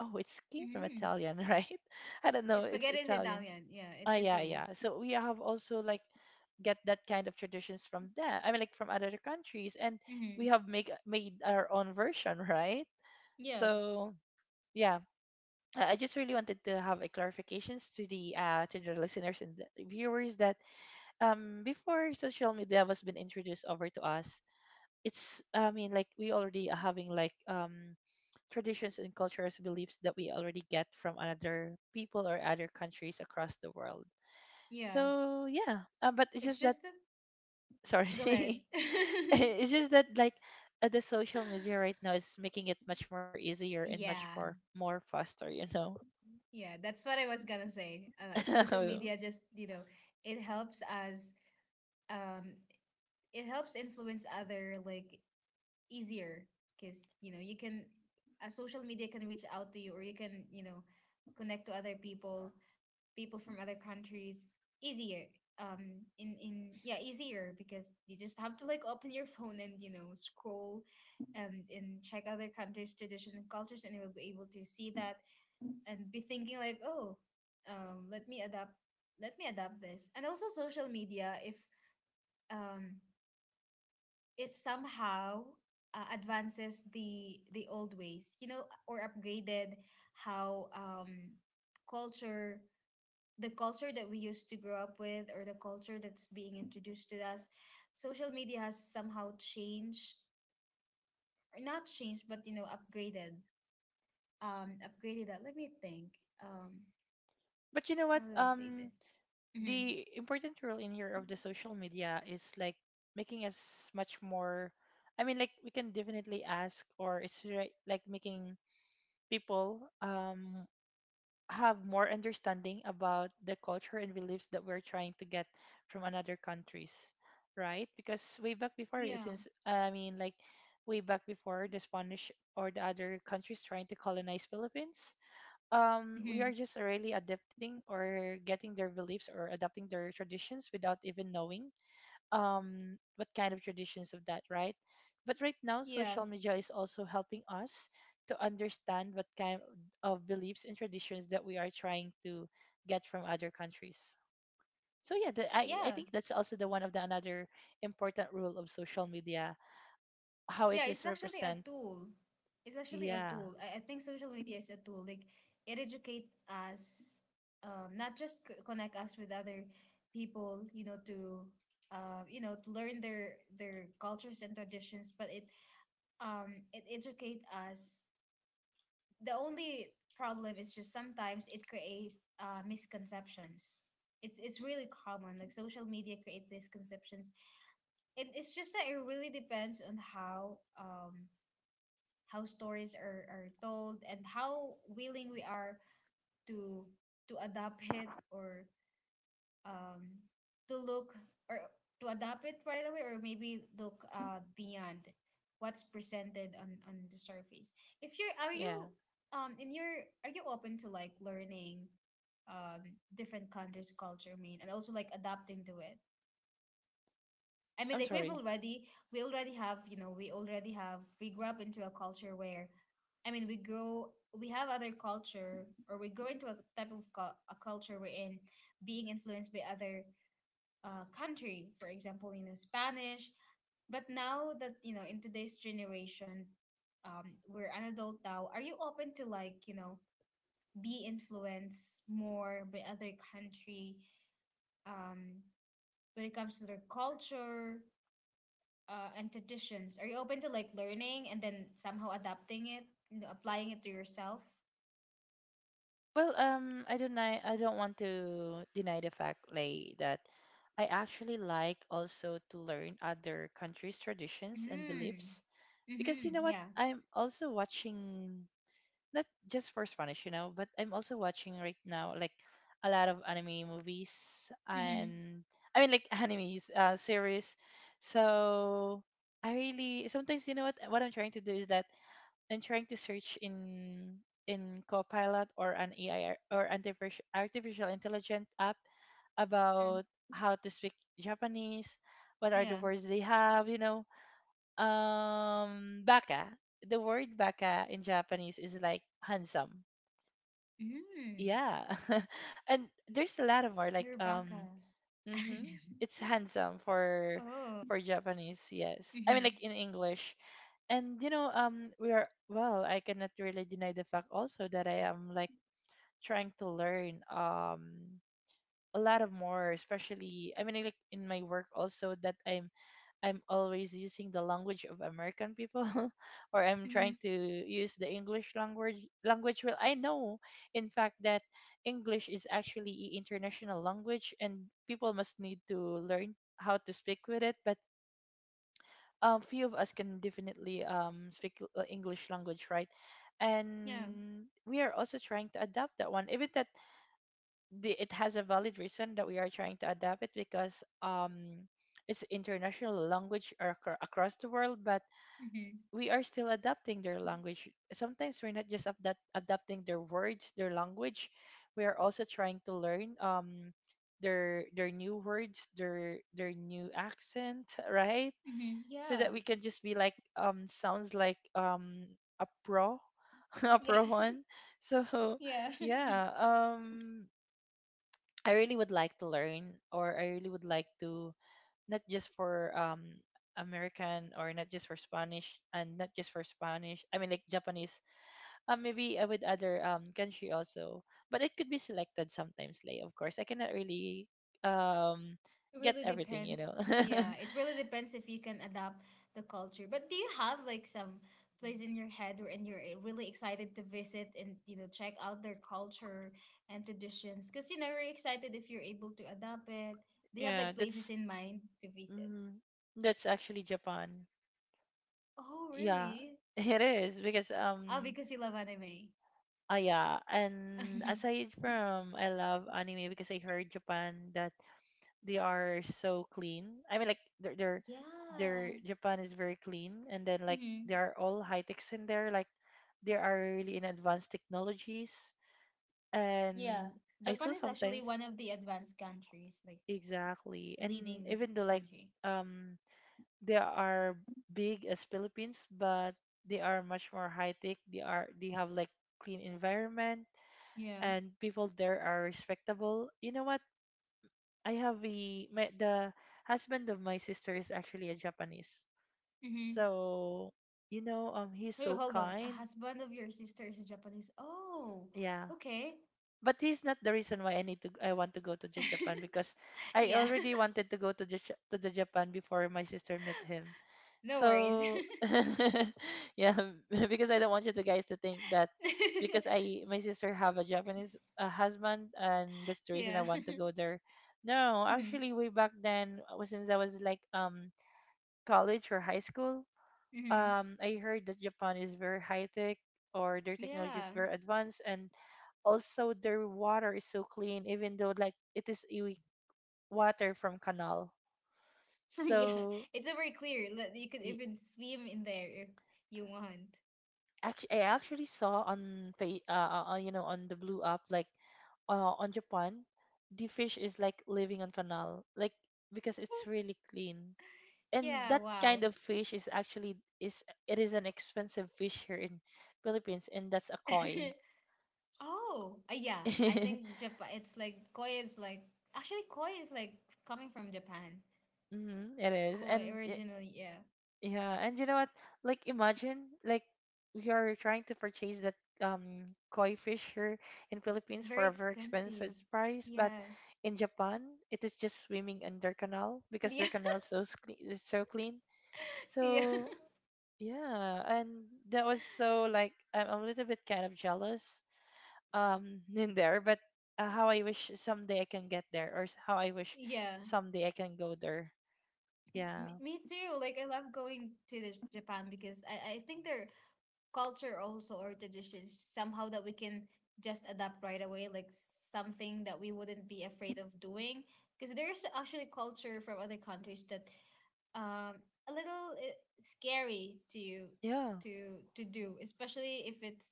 B: oh, it's came from
A: Mm.
B: Italian, right? I don't know, it's
A: Spaghetti is
B: Italian.
A: Italian. Yeah,
B: Ah,
A: it's
B: yeah,
A: Italy.
B: yeah. So we have also like get that kind of traditions from them. I mean, like from other countries, and
A: Hmm.
B: we have make made our own version, right?
A: Yeah.
B: So yeah, I just really wanted to have a clarifications to the listeners and the viewers that before social media was been introduced over to us, it's, I mean like we already are having like traditions and cultures beliefs that we already get from other people or other countries across the world.
A: Yeah.
B: So yeah, but it's
A: It's
B: just that,
A: just that. Go ahead.
B: sorry. It's just that like the social media right now is making it much more easier and much
A: Yeah,
B: more faster, you know.
A: yeah, that's what I was gonna say. Social
B: But
A: media just, it helps us, um, it helps influence other like easier because, you know, you can, a social media can reach out to you or you can, you know, connect to other people from other countries easier in yeah, easier because you just have to like open your phone and you know scroll and check other countries tradition and cultures, and you will be able to see that and be thinking like, oh, um let me adapt let me adapt this. And also social media, if um it somehow advances the old ways, you know, or upgraded how culture the culture that we used to grow up with, or the culture that's being introduced to us, social media has somehow changed, or not changed, but you know, upgraded. Upgraded that. Let me think. um
B: you
A: how
B: know
A: do I
B: what,
A: say this? hmm
B: the important role in here of the social media is like making us much more, I mean like we can definitely ask, or it's right, like making people have more understanding about the culture and beliefs that we're trying to get from another countries, right? Because way back before,
A: yeah
B: eh, since I mean like way back before the Spanish or the other countries trying to colonize Philippines,
A: hmm
B: we are just really adapting or getting their beliefs or adapting their traditions without even knowing what kind of traditions of that, right? But right now
A: yeah
B: social media is also helping us to understand what kind of beliefs and traditions that we are trying to get from other countries. So yeah, the,
A: yeah
B: I think that's also the one of the another important rule of social media, how it
A: Yeah, it's
B: is
A: actually a
B: represent.
A: tool.
B: Yeah,
A: I think social media is a tool. Like it educates us, not just connect us with other people, you know, to learn their cultures and traditions, but it it educate us. The only problem is just sometimes it create misconceptions. It's really common. Like social media create misconceptions. It's just that it really depends on how stories are told, and how willing we are to adapt it, or um, to look or to adapt it right away, or maybe look beyond what's presented on, the surface. If you're are
B: yeah,
A: you in your Are you open to like learning um different countries culture, I mean, and also like adapting to it? I mean,
B: I'm
A: like we've
B: sorry.
A: already we already have, we grew up into a culture where, I mean, we grow we have other culture or we grow into a culture wherein being influenced by other country, for example, you know, Spanish. But now that, you know, in today's generation, we're an adult now. Are you open to, like, you know, be influenced more by other country, um, when it comes to their culture? And traditions? Are you open to like learning and then somehow adapting it, you know, applying it to yourself?
B: Well, I don't know. I don't want to deny the fact like that I actually like also to learn other countries' traditions and
A: Mm.
B: beliefs because
A: Mm-hmm.
B: you know what?
A: Yeah.
B: I'm also watching, not just for Spanish, you know, but I'm also watching right now like a lot of anime movies
A: Mm-hmm.
B: and I mean like animes series. So I really sometimes you know what I'm trying to do is that and trying to search in Copilot or an AI artificial intelligent app
A: Mm.
B: about how to speak Japanese, what are the
A: Yeah.
B: words they have, you know. Um, baka. The word baka in Japanese is like handsome.
A: Mm.
B: Yeah. And there's a lot of more like
A: You're Baka.
B: mhm,
A: Just-
B: it's handsome
A: oh.
B: for Japanese, yes. I mean
A: Mm-hmm.
B: like in English. And you know we are, well I cannot really deny the fact also that I am like trying to learn a lot of more, especially I mean like in my work also that I'm always using the language of American people or I'm
A: Mm-hmm.
B: trying to use the English language. Well, I know in fact that English is actually a international language and people must need to learn how to speak with it, but few of us can definitely speak English language, right?
A: Yeah.
B: And we are also trying to adapt that one, even that the, it has a valid reason that we are trying to adapt it because it's international language across the world, but
A: Mm-hmm.
B: we are still adapting their language. Sometimes we're not just adapting their words, their language. We are also trying to learn their new words, their new accent, right?
A: Mm-hmm.
B: So that
A: Yeah.
B: we can just be like sounds like a pro, a
A: Yeah.
B: pro one. So
A: Yeah.
B: yeah, I really would like to learn, or I really would like to, not just for American, or not just for Spanish, and not just for Spanish, I mean like Japanese, maybe with other country also, but it could be selected sometimes, like of course I cannot really um
A: It
B: get
A: really
B: everything, you
A: depends.
B: know.
A: Yeah, it really depends if you can adapt the culture. But do you have like some place in your head where and you're really excited to visit and you know check out their culture and traditions? Because you know you're excited if you're able to adapt it. Do you have
B: Yeah,
A: like places
B: that's,
A: in mind to visit?
B: mhm, that's actually Japan.
A: Oh,
B: Yeah,
A: really?
B: it is because
A: Oh, because you love anime.
B: yeah, and aside from I love anime because I heard Japan that they are so clean. I mean like their
A: Yeah.
B: Japan is very clean and then like
A: Mm-hmm.
B: they are all high techs in there, like they are really in advanced technologies.
A: Yeah.
B: And I
A: Japan
B: saw
A: is actually
B: sometimes,
A: one of the advanced countries, like
B: exactly, and
A: leading
B: even though like
A: country.
B: um they are big as Philippines, but they are much more high tech. They are they have like clean environment,
A: Yeah.
B: and people there are respectable. You know what? I have a my, the husband of my sister is actually a Japanese.
A: Mm-hmm.
B: So, you know, he's
A: Wait,
B: so
A: hold on. A
B: kind.
A: husband of your sister is a Japanese. Oh,
B: Yeah.
A: okay.
B: But he's not the reason why I want to go to the Japan, because I
A: Yeah.
B: already wanted to go to the Japan before my sister met him.
A: No worries.
B: So yeah, because I don't want you to guys to think that because I my sister have a Japanese husband and that's the reason I
A: Yeah.
B: want to go there. No,
A: hmm
B: actually way back then, since I was like college or high school,
A: hmm
B: I heard that Japan is very high tech, or their technology is
A: Yeah.
B: very advanced, and also their water is so clean, even though like it is water from canal.
A: Yeah.
B: So
A: It's very clear. You could even swim in there if you want.
B: actually, I actually saw on you know, on the blue app like on Japan, the fish is like living on canal, like because it's really clean. And
A: Yeah,
B: that kind
A: wow.
B: of fish is actually is an expensive fish here in Philippines, and that's a koi.
A: Oh, yeah. I think Japan, it's like koi is like actually koi is like coming from Japan.
B: Mm-hmm, it is.
A: Koi
B: And it,
A: originally, yeah.
B: yeah, and you know what? Like imagine like we are trying to purchase that koi fish here in Philippines
A: Very
B: for a very
A: expensive.
B: expensive price, but
A: Yeah.
B: in Japan it is just swimming in their canal because
A: Yeah.
B: their canal is so clean, is so clean.
A: Yeah.
B: So yeah, and that was so like I'm a little bit kind of jealous in there, but how I wish someday I can get there how I wish
A: Yeah,
B: someday I can go there. Yeah.
A: me too. Like I love going to the Japan because I think their culture also, or traditions somehow that we can just adapt right away, like something that we wouldn't be afraid of doing. Because there's actually culture from other countries that um, a little scary to
B: Yeah.
A: to to do, especially if it's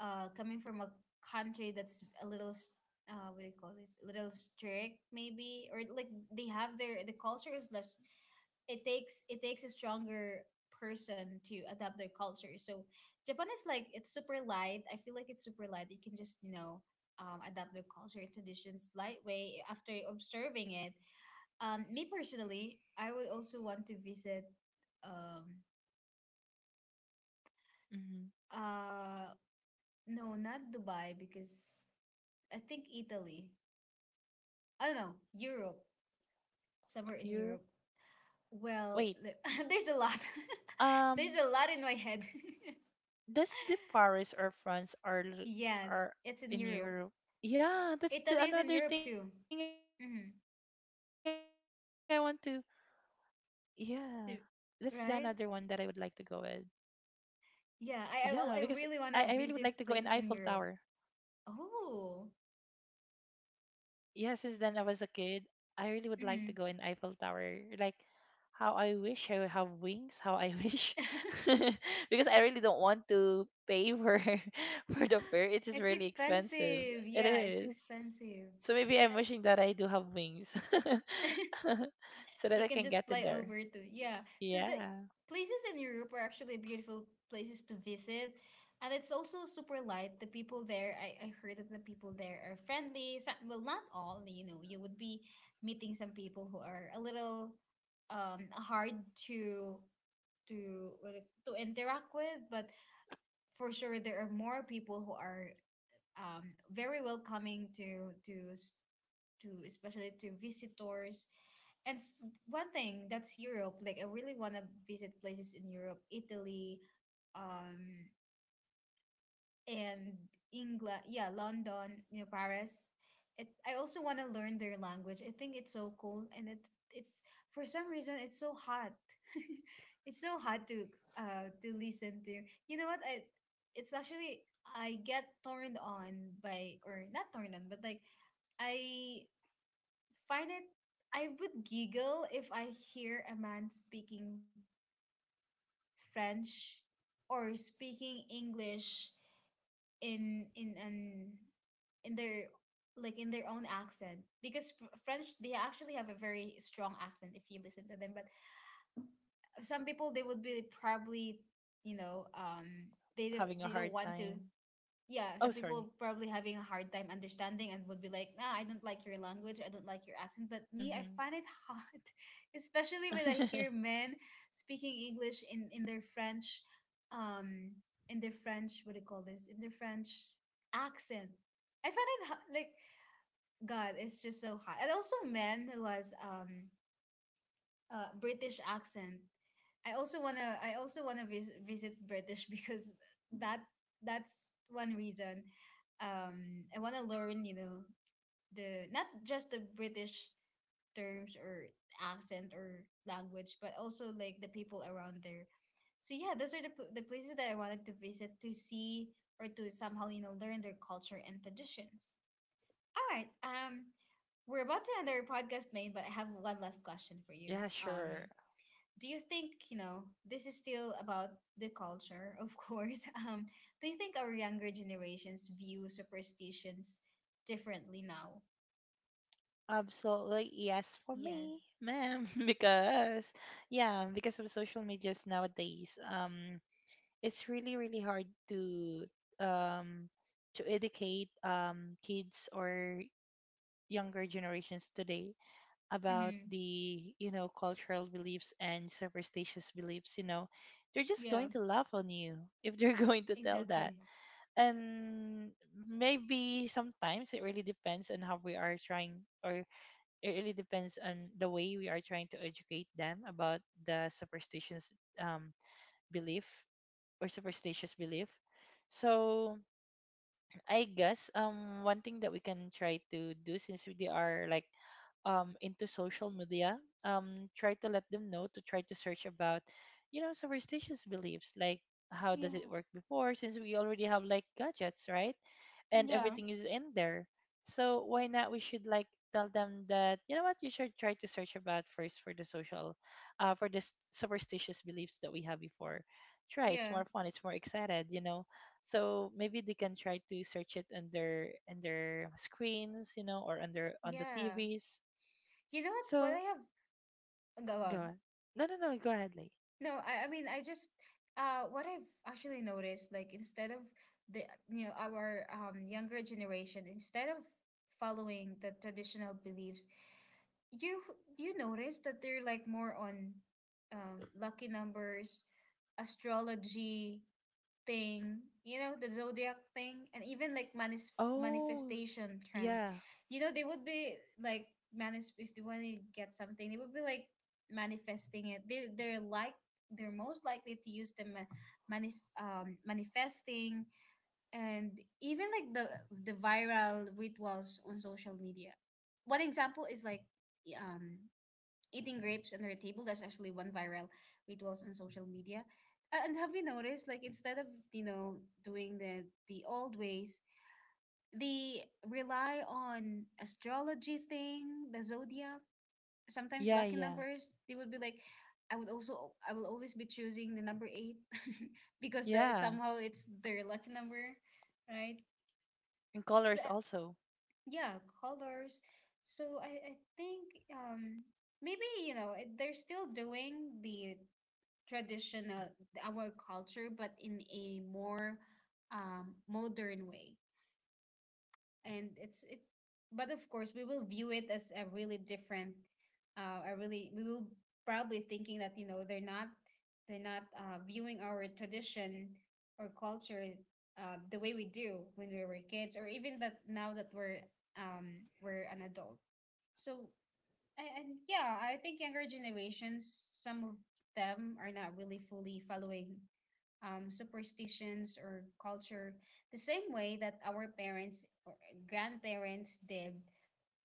A: coming from a country that's a little what do you call this? A little strict, maybe, or like they have their the culture is less. It takes a stronger person to adapt their culture. So Japan is like, it's super light. I feel like it's super light. You can just, you know, adapt their culture and traditions lightweight after observing it. Me personally, I would also want to visit. Um,
B: Mhm.
A: uh, no, not Dubai, because I think Italy. I don't know, Europe, somewhere in
B: Europe.
A: Europe. Well,
B: Wait.
A: there's a lot. There's
B: Um.
A: a lot in my head.
B: Does the Paris or France
A: Yes,
B: are
A: it's in
B: in
A: Europe.
B: Europe? Yeah, that's the
A: Italy is in
B: another
A: Europe
B: thing I
A: too.
B: want to.
A: Mm-hmm.
B: Yeah, that's the another one that I would like to
A: Too.
B: go with.
A: Right?
B: Yeah, because
A: Yeah,
B: I really would like
A: I
B: to go
A: really
B: in
A: want to
B: Eiffel
A: visit
B: Tower.
A: places in Europe. Oh.
B: Yeah, since then I was a kid, I really would like to
A: Mm-hmm.
B: go in Eiffel Tower. Like how I wish I would have wings, how I wish because I really don't want to pay for for the fare. It is
A: It's
B: really expensive.
A: expensive.
B: It
A: Yeah, it's
B: is.
A: expensive.
B: So maybe I'm wishing that I do have wings. So that
A: You
B: I
A: can
B: can get
A: just
B: in
A: fly
B: there.
A: over to. Yeah. So the
B: Yeah.
A: places in Europe are actually beautiful places to visit. And it's also super light. The people there, I heard that the people there are friendly. Some, well, not all, you know, you would be meeting some people who are a little hard to to interact with, but for sure there are more people who are very welcoming to to especially to visitors. And one thing that's Europe, like I really want to visit places in Europe, Italy, um, and England. Yeah, London, you know, Paris. I also want to learn their language. I think it's so cool, and it it's for some reason it's so hot. It's so hard to listen to. You know what? I it's actually I get turned on by, or not turned on, but like I find it, I would giggle if I hear a man speaking French or speaking English in an in their like in their own accent, because French, they actually have a very strong accent if you listen to them. But some people, they would be probably, you know, they don't,
B: Having a hard
A: want to,
B: time.
A: yeah,
B: Oh,
A: some
B: sorry.
A: people probably having a hard time understanding, and would be like, nah, I don't like your language, I don't like your accent. But me, I
B: Mm-hmm.
A: find it hard, especially when I hear men speaking English in their French, um, what do you call this? In their French accent. I find it like, God, it's just so hot. And also men who has a British accent. I also wanna visit British because that that's one reason. I wanna learn, you know, the not just the British terms or accent or language, but also like the people around there. So yeah, those are the the places that I wanted to visit to see or to somehow you know learn their culture and traditions. All right, we're about to end our podcast, main, but I have one last question for you.
B: Yeah, sure.
A: Do you think, you know, this is still about the culture of course um do you think our younger generations view superstitions differently now?
B: Absolutely yes for me,
A: Yes.
B: ma'am. Because yeah, because of social medias nowadays, it's really really hard um to educate kids or younger generations today about
A: Mm-hmm.
B: the cultural beliefs and superstitious beliefs. You know, they're just
A: Yeah,
B: going to laugh on you if they're going to tell that.
A: exactly.
B: And maybe sometimes it really depends on how we are trying or it really depends on the way we are trying to educate them about the superstitious um, belief or superstitious belief. So I guess one thing that we can try to do since we are like into social media, try to let them know to try to search about, you know, superstitious beliefs like how does
A: Yeah.
B: it work before since we already have like gadgets, right? And
A: Yeah.
B: everything is in there. So why not we should like tell them that you know what you should try to search about first for the social for the superstitious beliefs that we have before. Try, it's
A: Yeah.
B: more fun, it's more excited, you know, so maybe they can try to search it on their in their screens, you know, or under on the
A: Yeah.
B: tvs,
A: You know what I
B: so
A: have go
B: go
A: on.
B: on, no no no go ahead, Lee.
A: No, I mean, I just what I've actually noticed, like instead of the you know our younger generation, instead of following the traditional beliefs, you you notice that they're like more on lucky numbers, astrology, thing, you know, the zodiac thing, and even like
B: Oh,
A: manifestation trends.
B: yeah
A: You know, they would be like manis, if they want to get something, they would be like manifesting it. They're like they're most likely to use the manifesting, and even like the viral rituals on social media. One example is like um eating grapes under a table. That's actually one viral rituals on social media. And have you noticed, like instead of you know doing the old ways, they rely on astrology thing, the zodiac, sometimes
B: yeah
A: lucky
B: yeah
A: numbers. They would be like, I would also I will always be choosing the number eight because that
B: yeah,
A: somehow it's their lucky number, right?
B: and colors
A: The-
B: also.
A: yeah, colors. So I think maybe, you know, they're still doing the traditional our culture, but in a more modern way, and it's it but of course we will view it as a really different, a really we will probably thinking that you know they're not, they're not viewing our tradition or culture the way we do when we were kids, or even that now that we're an adult. So and, yeah, I think younger generations, some of them are not really fully following superstitions or culture the same way that our parents or grandparents did.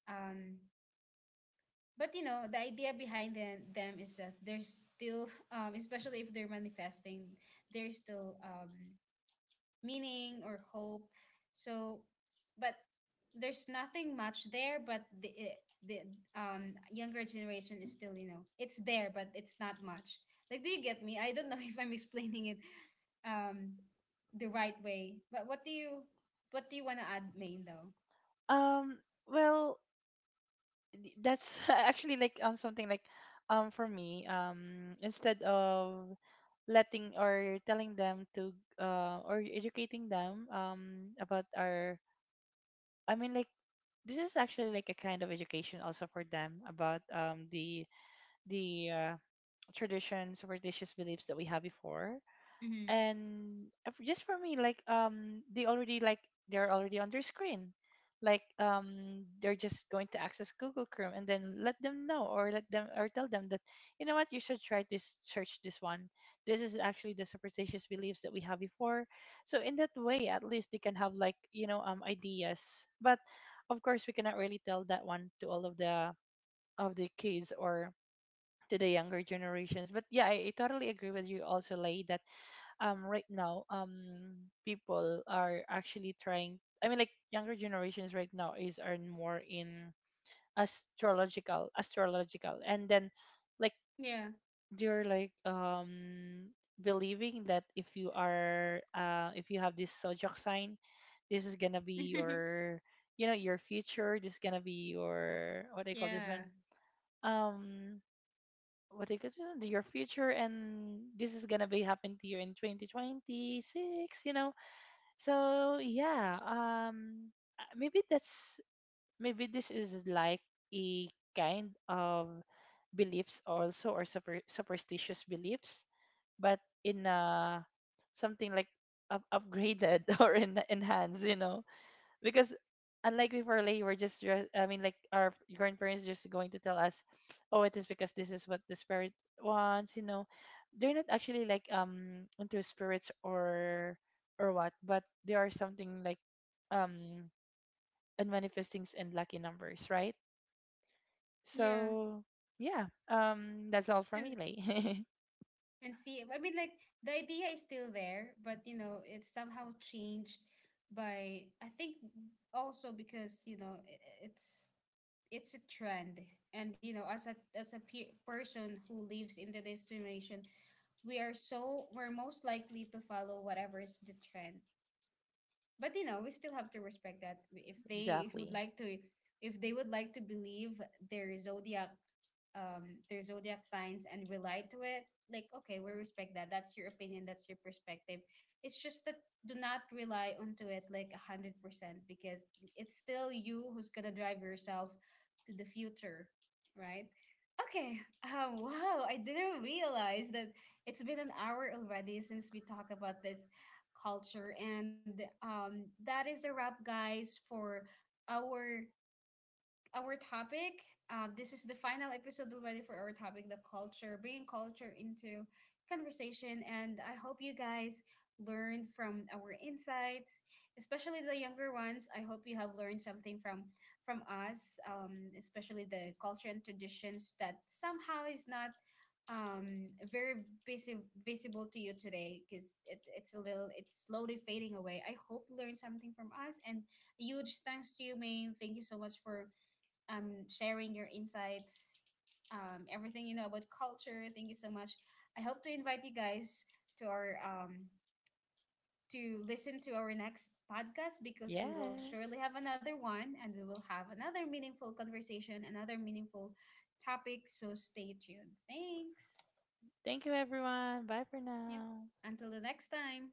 A: Um, but you know, the idea behind them is that there's still, especially if they're manifesting, there's still meaning or hope. So, but there's nothing much there. But the younger generation is still, you know, it's there, but it's not much. Like, do you get me? I don't know if I'm explaining it um the right way. But what do you, what do you want to add, Main though?
B: um well that's actually like something like for me, instead of letting or telling them to or educating them about our, I mean like, this is actually like a kind of education also for them about, the the uh, tradition superstitious beliefs that we have before
A: Mm-hmm.
B: and just for me like they already like they're already on their screen, like they're just going to access Google Chrome and then let them know or let them or tell them that you know what, you should try this, search this one, this is actually the superstitious beliefs that we have before. So in that way, at least they can have like, you know, ideas. But of course we cannot really tell that one to all of the kids or to the younger generations. But yeah, I totally agree with you also, Lay, that right now people are actually trying, I mean like, younger generations right now is are more in astrological, and then like
A: Yeah.
B: they're like believing that if you are if you have this zodiac sign, this is gonna be your, you know, your future, this is gonna be your, what do you call this
A: Yeah.
B: one, um what do you call this one? Your future, and this is gonna be happen to you in 2026, you know. So yeah, maybe that's, maybe this is like a kind of beliefs also or superstitious beliefs, but in something like upgraded or enhanced, you know, because unlike before, like we're just I mean like our grandparents just going to tell us, oh, it is because this is what the spirit wants, you know, they're not actually like into spirits or what, but they are something like um and manifestings and lucky numbers, right?
A: Yeah.
B: So yeah, that's all for
A: And
B: me, like
A: see, I mean like the idea is still there, but you know it's somehow changed by, I think also because you know it's a trend, and you know as a person who lives in the destination, we are so we're most likely to follow whatever is the trend. But you know we still have to respect that, if they would
B: exactly
A: like to, if they would like to believe their zodiac their zodiac signs and rely to it, like okay we respect that, that's your opinion, that's your perspective. It's just that do not rely onto it like 100%, because it's still you who's gonna drive yourself to the future, right? Okay. Oh wow, I didn't realize that it's been an hour already since we talk about this culture. And that is a wrap, guys, for our our topic. This is the final episode already for our topic, the culture, bringing culture into conversation. And I hope you guys learned from our insights, especially the younger ones. I hope you have learned something from us, especially the culture and traditions that somehow is not um very visible to you today, because it's a little, it's slowly fading away. I hope you learned something from us. And a huge thanks to you, main. Thank you so much for sharing your insights, everything you know about culture. Thank you so much. I hope to invite you guys to our to listen to our next podcast, because we will
B: yes.
A: surely have another one, and we will have another meaningful conversation, another meaningful topic. So stay tuned. Thanks.
B: Thank you everyone, bye for
A: Yep.
B: now.
A: Until the next time.